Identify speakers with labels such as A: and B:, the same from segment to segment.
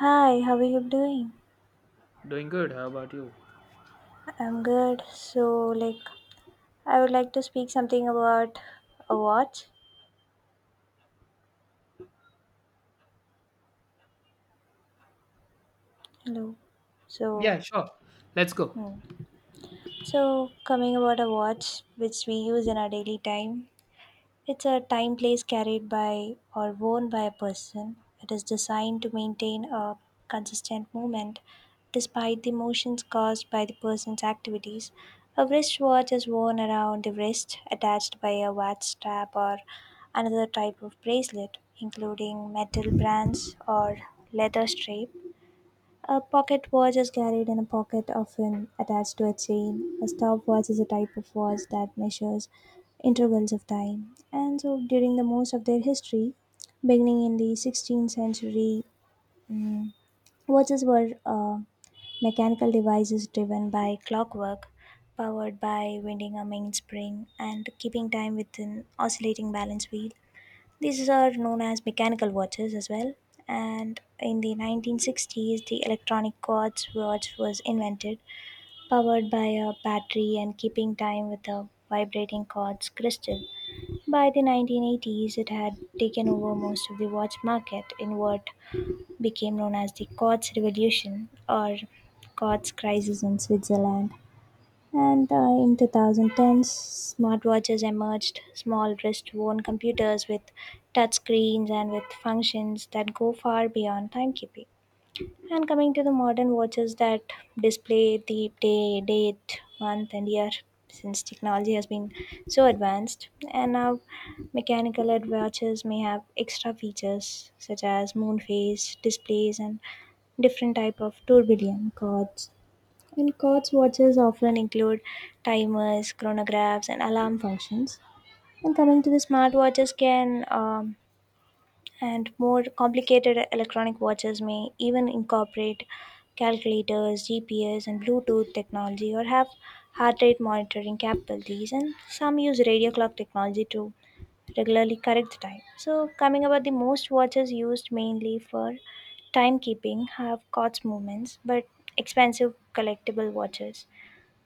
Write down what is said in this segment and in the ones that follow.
A: Hi, how are you doing?
B: Doing good. How about you?
A: I'm good. So, like, I would like to speak something about a watch. Hello.
B: Yeah,
A: So,
B: sure. Let's go.
A: hmm. Coming about a watch which we use in our daily time. It's a time place carried by or worn by a person. It is designed to maintain a consistent movement despite the motions caused by the person's activities. A wristwatch is worn around the wrist, attached by a watch strap or another type of bracelet, including metal bands or leather strap. A pocket watch is carried in a pocket, often attached to a chain. A stopwatch is a type of watch that measures intervals of time. And so, during the most of their history, beginning in the 16th century, mm, watches were mechanical devices driven by clockwork, powered by winding a mainspring, and keeping time with an oscillating balance wheel. These are known as mechanical watches as well. And in the 1960s, the electronic quartz watch was invented, powered by a battery and keeping time with a vibrating quartz crystal. By the 1980s, it had taken over most of the watch market in what became known as the quartz revolution or quartz crisis in Switzerland. And in 2010s, smartwatches emerged, small wrist worn computers with touch screens and with functions that go far beyond timekeeping. And coming to the modern watches that display the day, date, month, and year, since technology has been so advanced. And now, mechanical edge watches may have extra features such as moon phase displays and different type of tourbillon cords and quartz watches often include timers, chronographs, and alarm functions. And coming to the smartwatches can and more complicated electronic watches may even incorporate calculators, GPS, and Bluetooth technology, or have heart rate monitoring capabilities. And some use radio clock technology to regularly correct the time. So, coming about the most watches used mainly for timekeeping have quartz movements, but expensive collectible watches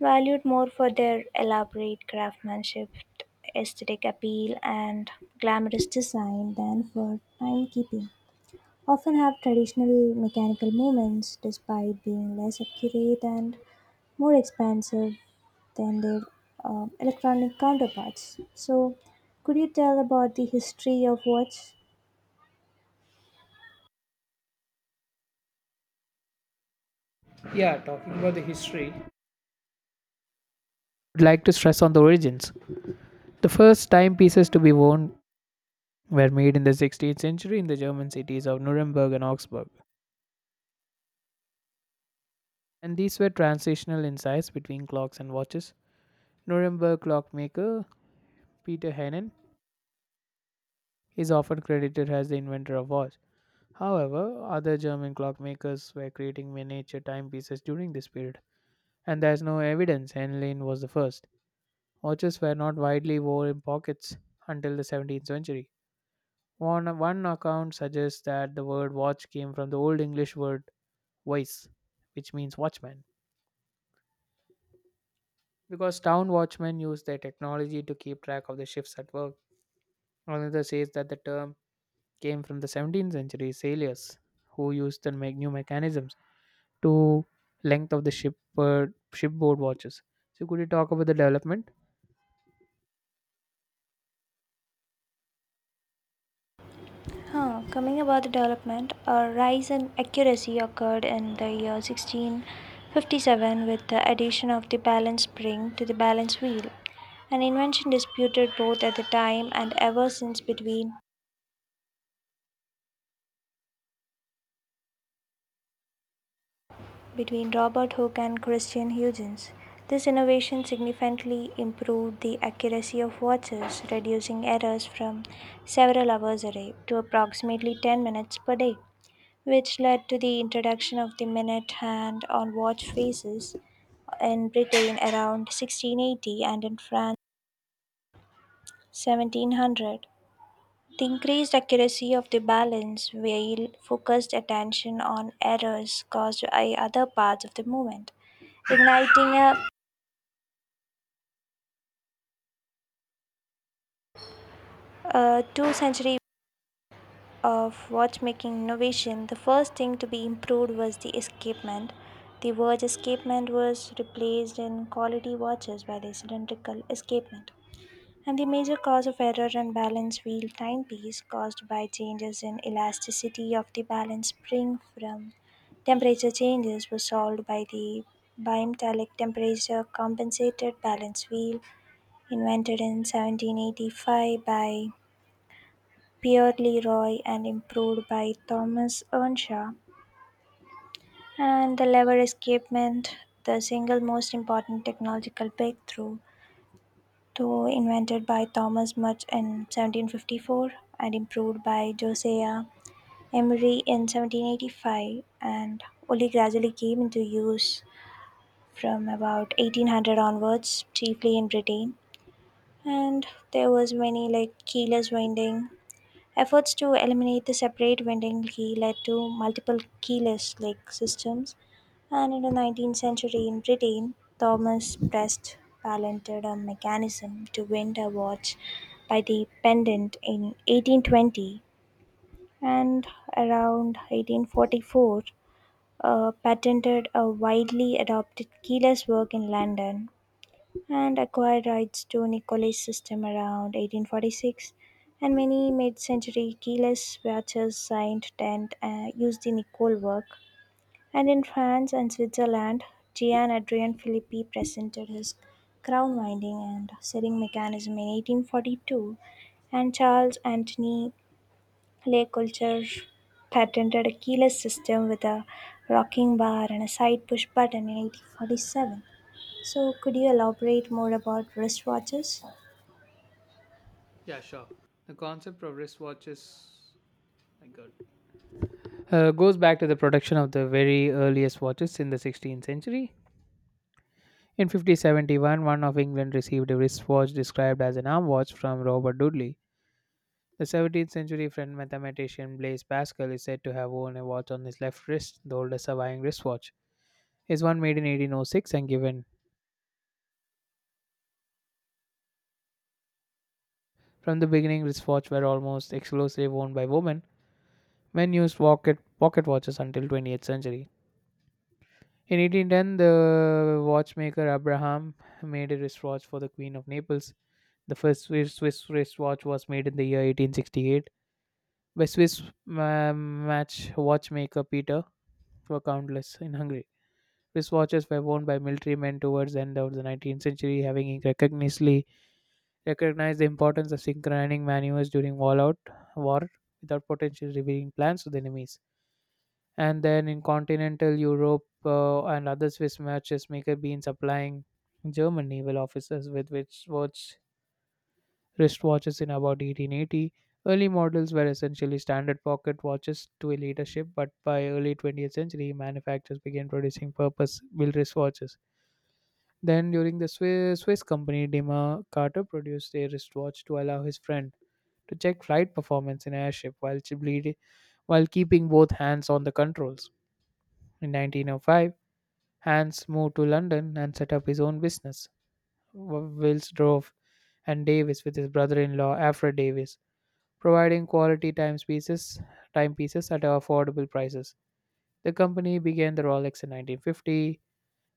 A: valued more for their elaborate craftsmanship, aesthetic appeal, and glamorous design than for timekeeping. Often have traditional mechanical movements despite being less accurate and more expensive than their electronic counterparts. So, could you tell about the history of watch?
B: Yeah, talking about the history. I'd like to stress on the origins. The first timepieces to be worn were made in the 16th century in the German cities of Nuremberg and Augsburg, and these were transitional in size between clocks and watches. Nuremberg clockmaker Peter Heinen is often credited as the inventor of watch. However, other German clockmakers were creating miniature timepieces during this period, and there is no evidence Henlein was the first. Watches were not widely worn in pockets until the 17th century. One account suggests that the word watch came from the Old English word "wise," which means watchman, because town watchmen used their technology to keep track of the shifts at work. Another says that the term came from the 17th century sailors, who used the new mechanisms to length of the shipboard watches. So could you talk about the development?
A: Huh, coming about the development, a rise in accuracy occurred in the year 1657 with the addition of the balance spring to the balance wheel, an invention disputed both at the time and ever since between Robert Hooke and Christian Huygens. This innovation significantly improved the accuracy of watches, reducing errors from several hours a day to approximately 10 minutes per day, which led to the introduction of the minute hand on watch faces in Britain around 1680 and in France 1700. The increased accuracy of the balance wheel focused attention on errors caused by other parts of the movement, igniting a two century of watchmaking innovation. The first thing to be improved was the escapement. The word escapement was replaced in quality watches by the cylindrical escapement. And the major cause of error and balance wheel timepiece caused by changes in elasticity of the balance spring from temperature changes was solved by the bimetallic temperature compensated balance wheel invented in 1785 by Pierre Leroy and improved by Thomas Earnshaw, and the lever escapement, the single most important technological breakthrough, though invented by Thomas Much in 1754 and improved by Josiah Emery in 1785, and only gradually came into use from about 1800 onwards, chiefly in Britain. And there was many like keyless winding efforts to eliminate the separate vending key led to multiple keyless like systems, and in the 19th century in Britain, Thomas Prest patented a mechanism to wind a watch by the pendant in 1820, and around 1844, patented a widely adopted keyless work in London and acquired rights to Nicolay's system around 1846, and many mid century keyless watches signed Dent used the Nicole work. And in France and Switzerland, Gian Adrian Philippi presented his crown winding and setting mechanism in 1842, and Charles Anthony Le Coulter patented a keyless system with a rocking bar and a side push button in 1847. So, could you elaborate more about wristwatches?
B: Yeah, sure. The concept of wristwatches, my god. Goes back to the production of the very earliest watches in the 16th century. In 1571, one of England received a wristwatch described as an arm watch from Robert Dudley. The 17th century French mathematician Blaise Pascal is said to have worn a watch on his left wrist. The oldest surviving wristwatch is one made in 1806 and given. From the beginning, wristwatches were almost exclusively worn by women. Men used pocket watches until 20th century. In 1810, the watchmaker Abraham made a wristwatch for the Queen of Naples. The first Swiss wristwatch was made in the year 1868 by Swiss match watchmaker Peter for countless in Hungary. Wristwatches were worn by military men towards the end of the 19th century, having recognitively recognized the importance of synchronizing maneuvers during all out war without potentially revealing plans to the enemies. And then in continental Europe and other Swiss matchmaker being supplying German naval officers with wristwatches in about 1880. Early models were essentially standard pocket watches to a leadership, but by early 20th century, manufacturers began producing purpose-built wristwatches. Then, during the Swiss company, Dima Carter produced a wristwatch to allow his friend to check flight performance in airship while keeping both hands on the controls. In 1905, Hans moved to London and set up his own business, Wills Drove and Davis with his brother-in-law Alfred Davis, providing quality timepieces at affordable prices. The company began the Rolex in 1950.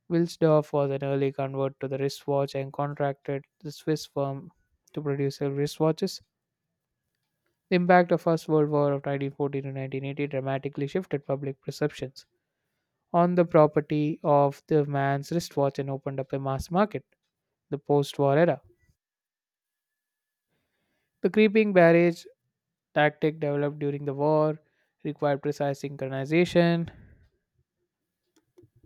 B: Wilsdorf was an early convert to the wristwatch and contracted the Swiss firm to produce his wristwatches. The impact of First World War of 1914 to 1918 dramatically shifted public perceptions on the property of the man's wristwatch and opened up a mass market, the post-war era. The creeping barrage tactic developed during the war required precise synchronization,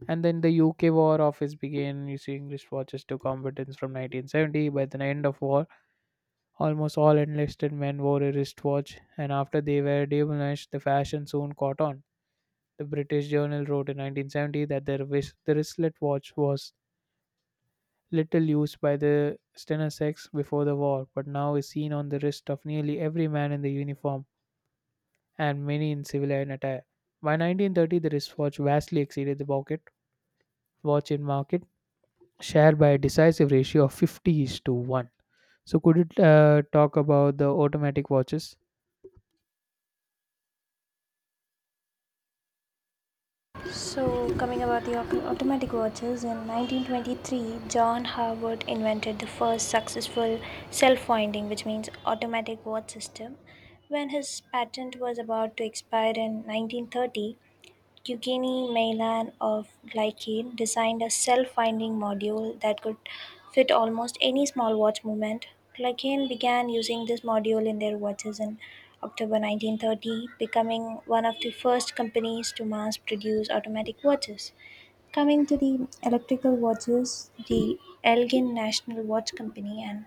B: and then the UK War Office began using wristwatches to combatants from 1970. By the end of war, almost all enlisted men wore a wristwatch, and after they were demonised, the fashion soon caught on. The British Journal wrote in 1970 that the wristlet watch was little used by the Stenosex before the war, but now is seen on the wrist of nearly every man in the uniform and many in civilian attire. By 1930, the wristwatch vastly exceeded the pocket watch in market share by a decisive ratio of 50 is to 1. So could you talk about the automatic watches?
A: So, coming about the automatic watches, in 1923, John Howard invented the first successful self winding, which means automatic watch system. When his patent was about to expire in 1930, Eugenie Meilan of Glycane designed a self finding module that could fit almost any small watch movement. Glycane began using this module in their watches in October 1930, becoming one of the first companies to mass produce automatic watches. Coming to the electrical watches, the Elgin National Watch Company and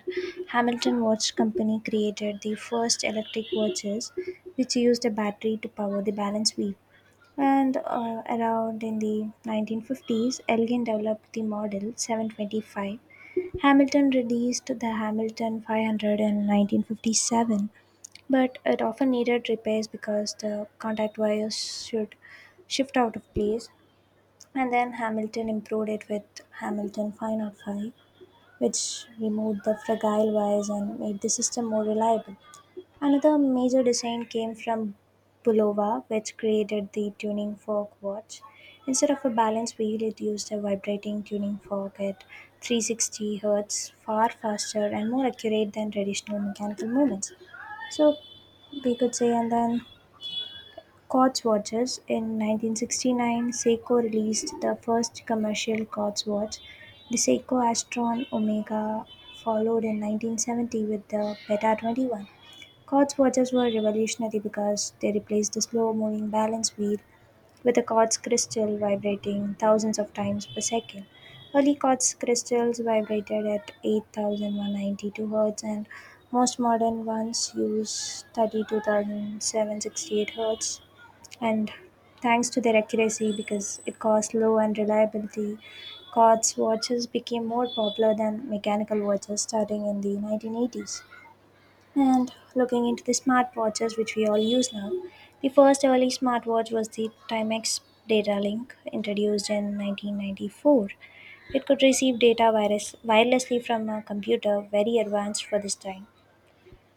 A: Hamilton Watch Company created the first electric watches, which used a battery to power the balance wheel. And around in the 1950s, Elgin developed the model 725. Hamilton released the Hamilton 500 in 1957, but it often needed repairs because the contact wires should shift out of place. And then Hamilton improved it with Hamilton 505, which removed the fragile wires and made the system more reliable. Another major design came from Bulova, which created the tuning fork watch. Instead of a balance wheel, it used a vibrating tuning fork at 360 hertz, far faster and more accurate than traditional mechanical movements. So we could say, and then quartz watches. In 1969, Seiko released the first commercial quartz watch, the Seiko Astron Omega, followed in 1970 with the Beta 21. Quartz watches were revolutionary because they replaced the slow moving balance wheel with a quartz crystal vibrating thousands of times per second. Early quartz crystals vibrated at 8,192 Hz, and most modern ones use 32,768 Hz. And thanks to their accuracy, because it costs low and reliability, quartz watches became more popular than mechanical watches starting in the 1980s. And looking into the smartwatches which we all use now, the first early smartwatch was the Timex Datalink introduced in 1994. It could receive data virus wirelessly from a computer, very advanced for this time.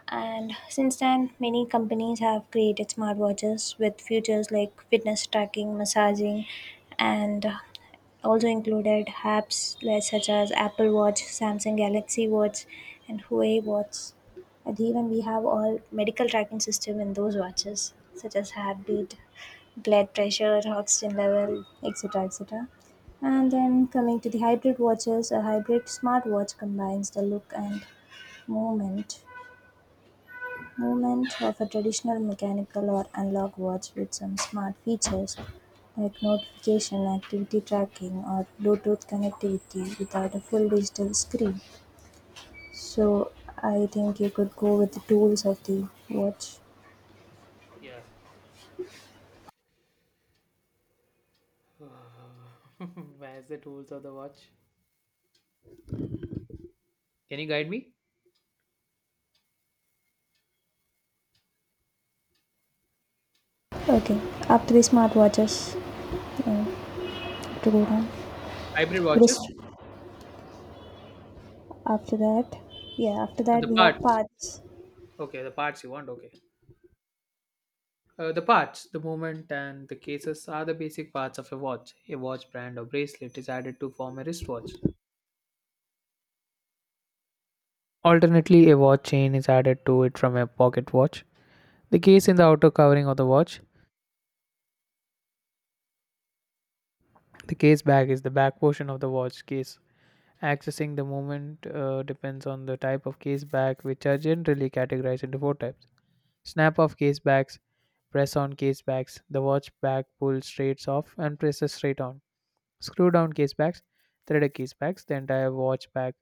A: And since then, many companies have created smartwatches with features like fitness tracking, massaging, and also included apps such as Apple Watch, Samsung Galaxy Watch, and Huawei Watch. And even we have all medical tracking system in those watches, such as heartbeat, blood pressure, oxygen level, etc., etc. And then coming to the hybrid watches, a hybrid smartwatch combines the look and movement Movement of a traditional mechanical or analog watch with some smart features like notification, activity tracking, or Bluetooth connectivity without a full digital screen. So I think you could go with the tools of the watch.
B: Where's the tools of the watch? Can you guide me?
A: Okay, after the
B: Mm.
A: smartwatches, uh, to go down.
B: Hybrid watches?
A: Wrist. After that, yeah, after
B: Uh,
A: that
B: The
A: we have
B: parts.
A: parts.
B: Okay, the parts you want. Okay. The parts, the movement, and the cases are the basic parts of a watch. A watch brand or bracelet is added to form a wristwatch. Alternately, a watch chain is added to it from a pocket watch. The case in the outer covering of the watch. The case bag is the back portion of the watch case. Accessing the movement depends on the type of case bag, which are generally categorized into four types: snap off case bags, press on case bags, the watch bag pulls straight off and presses straight on, screw down case bags, threaded case bags. The entire watch bag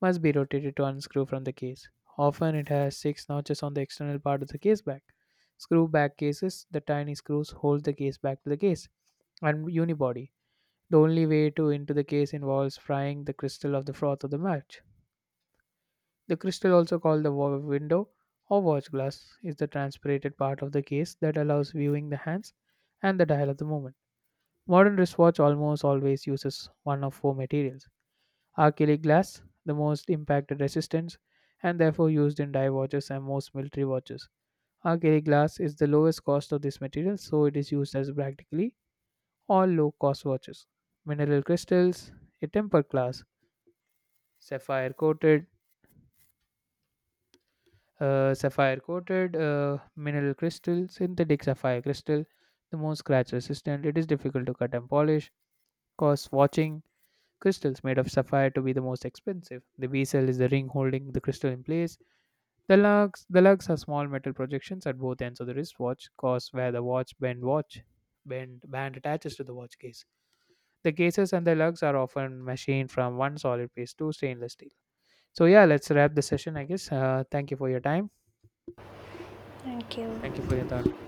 B: must be rotated to unscrew from the case. Often it has six notches on the external part of the case bag. Screw back cases, the tiny screws hold the case back to the case, and unibody, the only way to into the case involves frying the crystal of the froth of the match. The crystal, also called the window or watch glass, is the transparent part of the case that allows viewing the hands and the dial of the movement. Modern wristwatch almost always uses one of four materials: acrylic glass, the most impact resistance, and therefore used in dive watches and most military watches. Acrylic glass is the lowest cost of this material, so it is used as practically all low-cost watches. Mineral crystals, a tempered glass, sapphire coated sapphire coated mineral crystal, synthetic sapphire crystal, the most scratch resistant. It is difficult to cut and polish cause watching crystals made of sapphire to be the most expensive. The bezel is the ring holding the crystal in place. The lugs are small metal projections at both ends of the wristwatch cause where the watch bend band attaches to the watch case. The cases and the lugs are often machined from one solid piece to stainless steel. So yeah, let's wrap the session, I guess. Thank you for your time.
A: Thank
B: Thank you
A: you.
B: for your thoughts.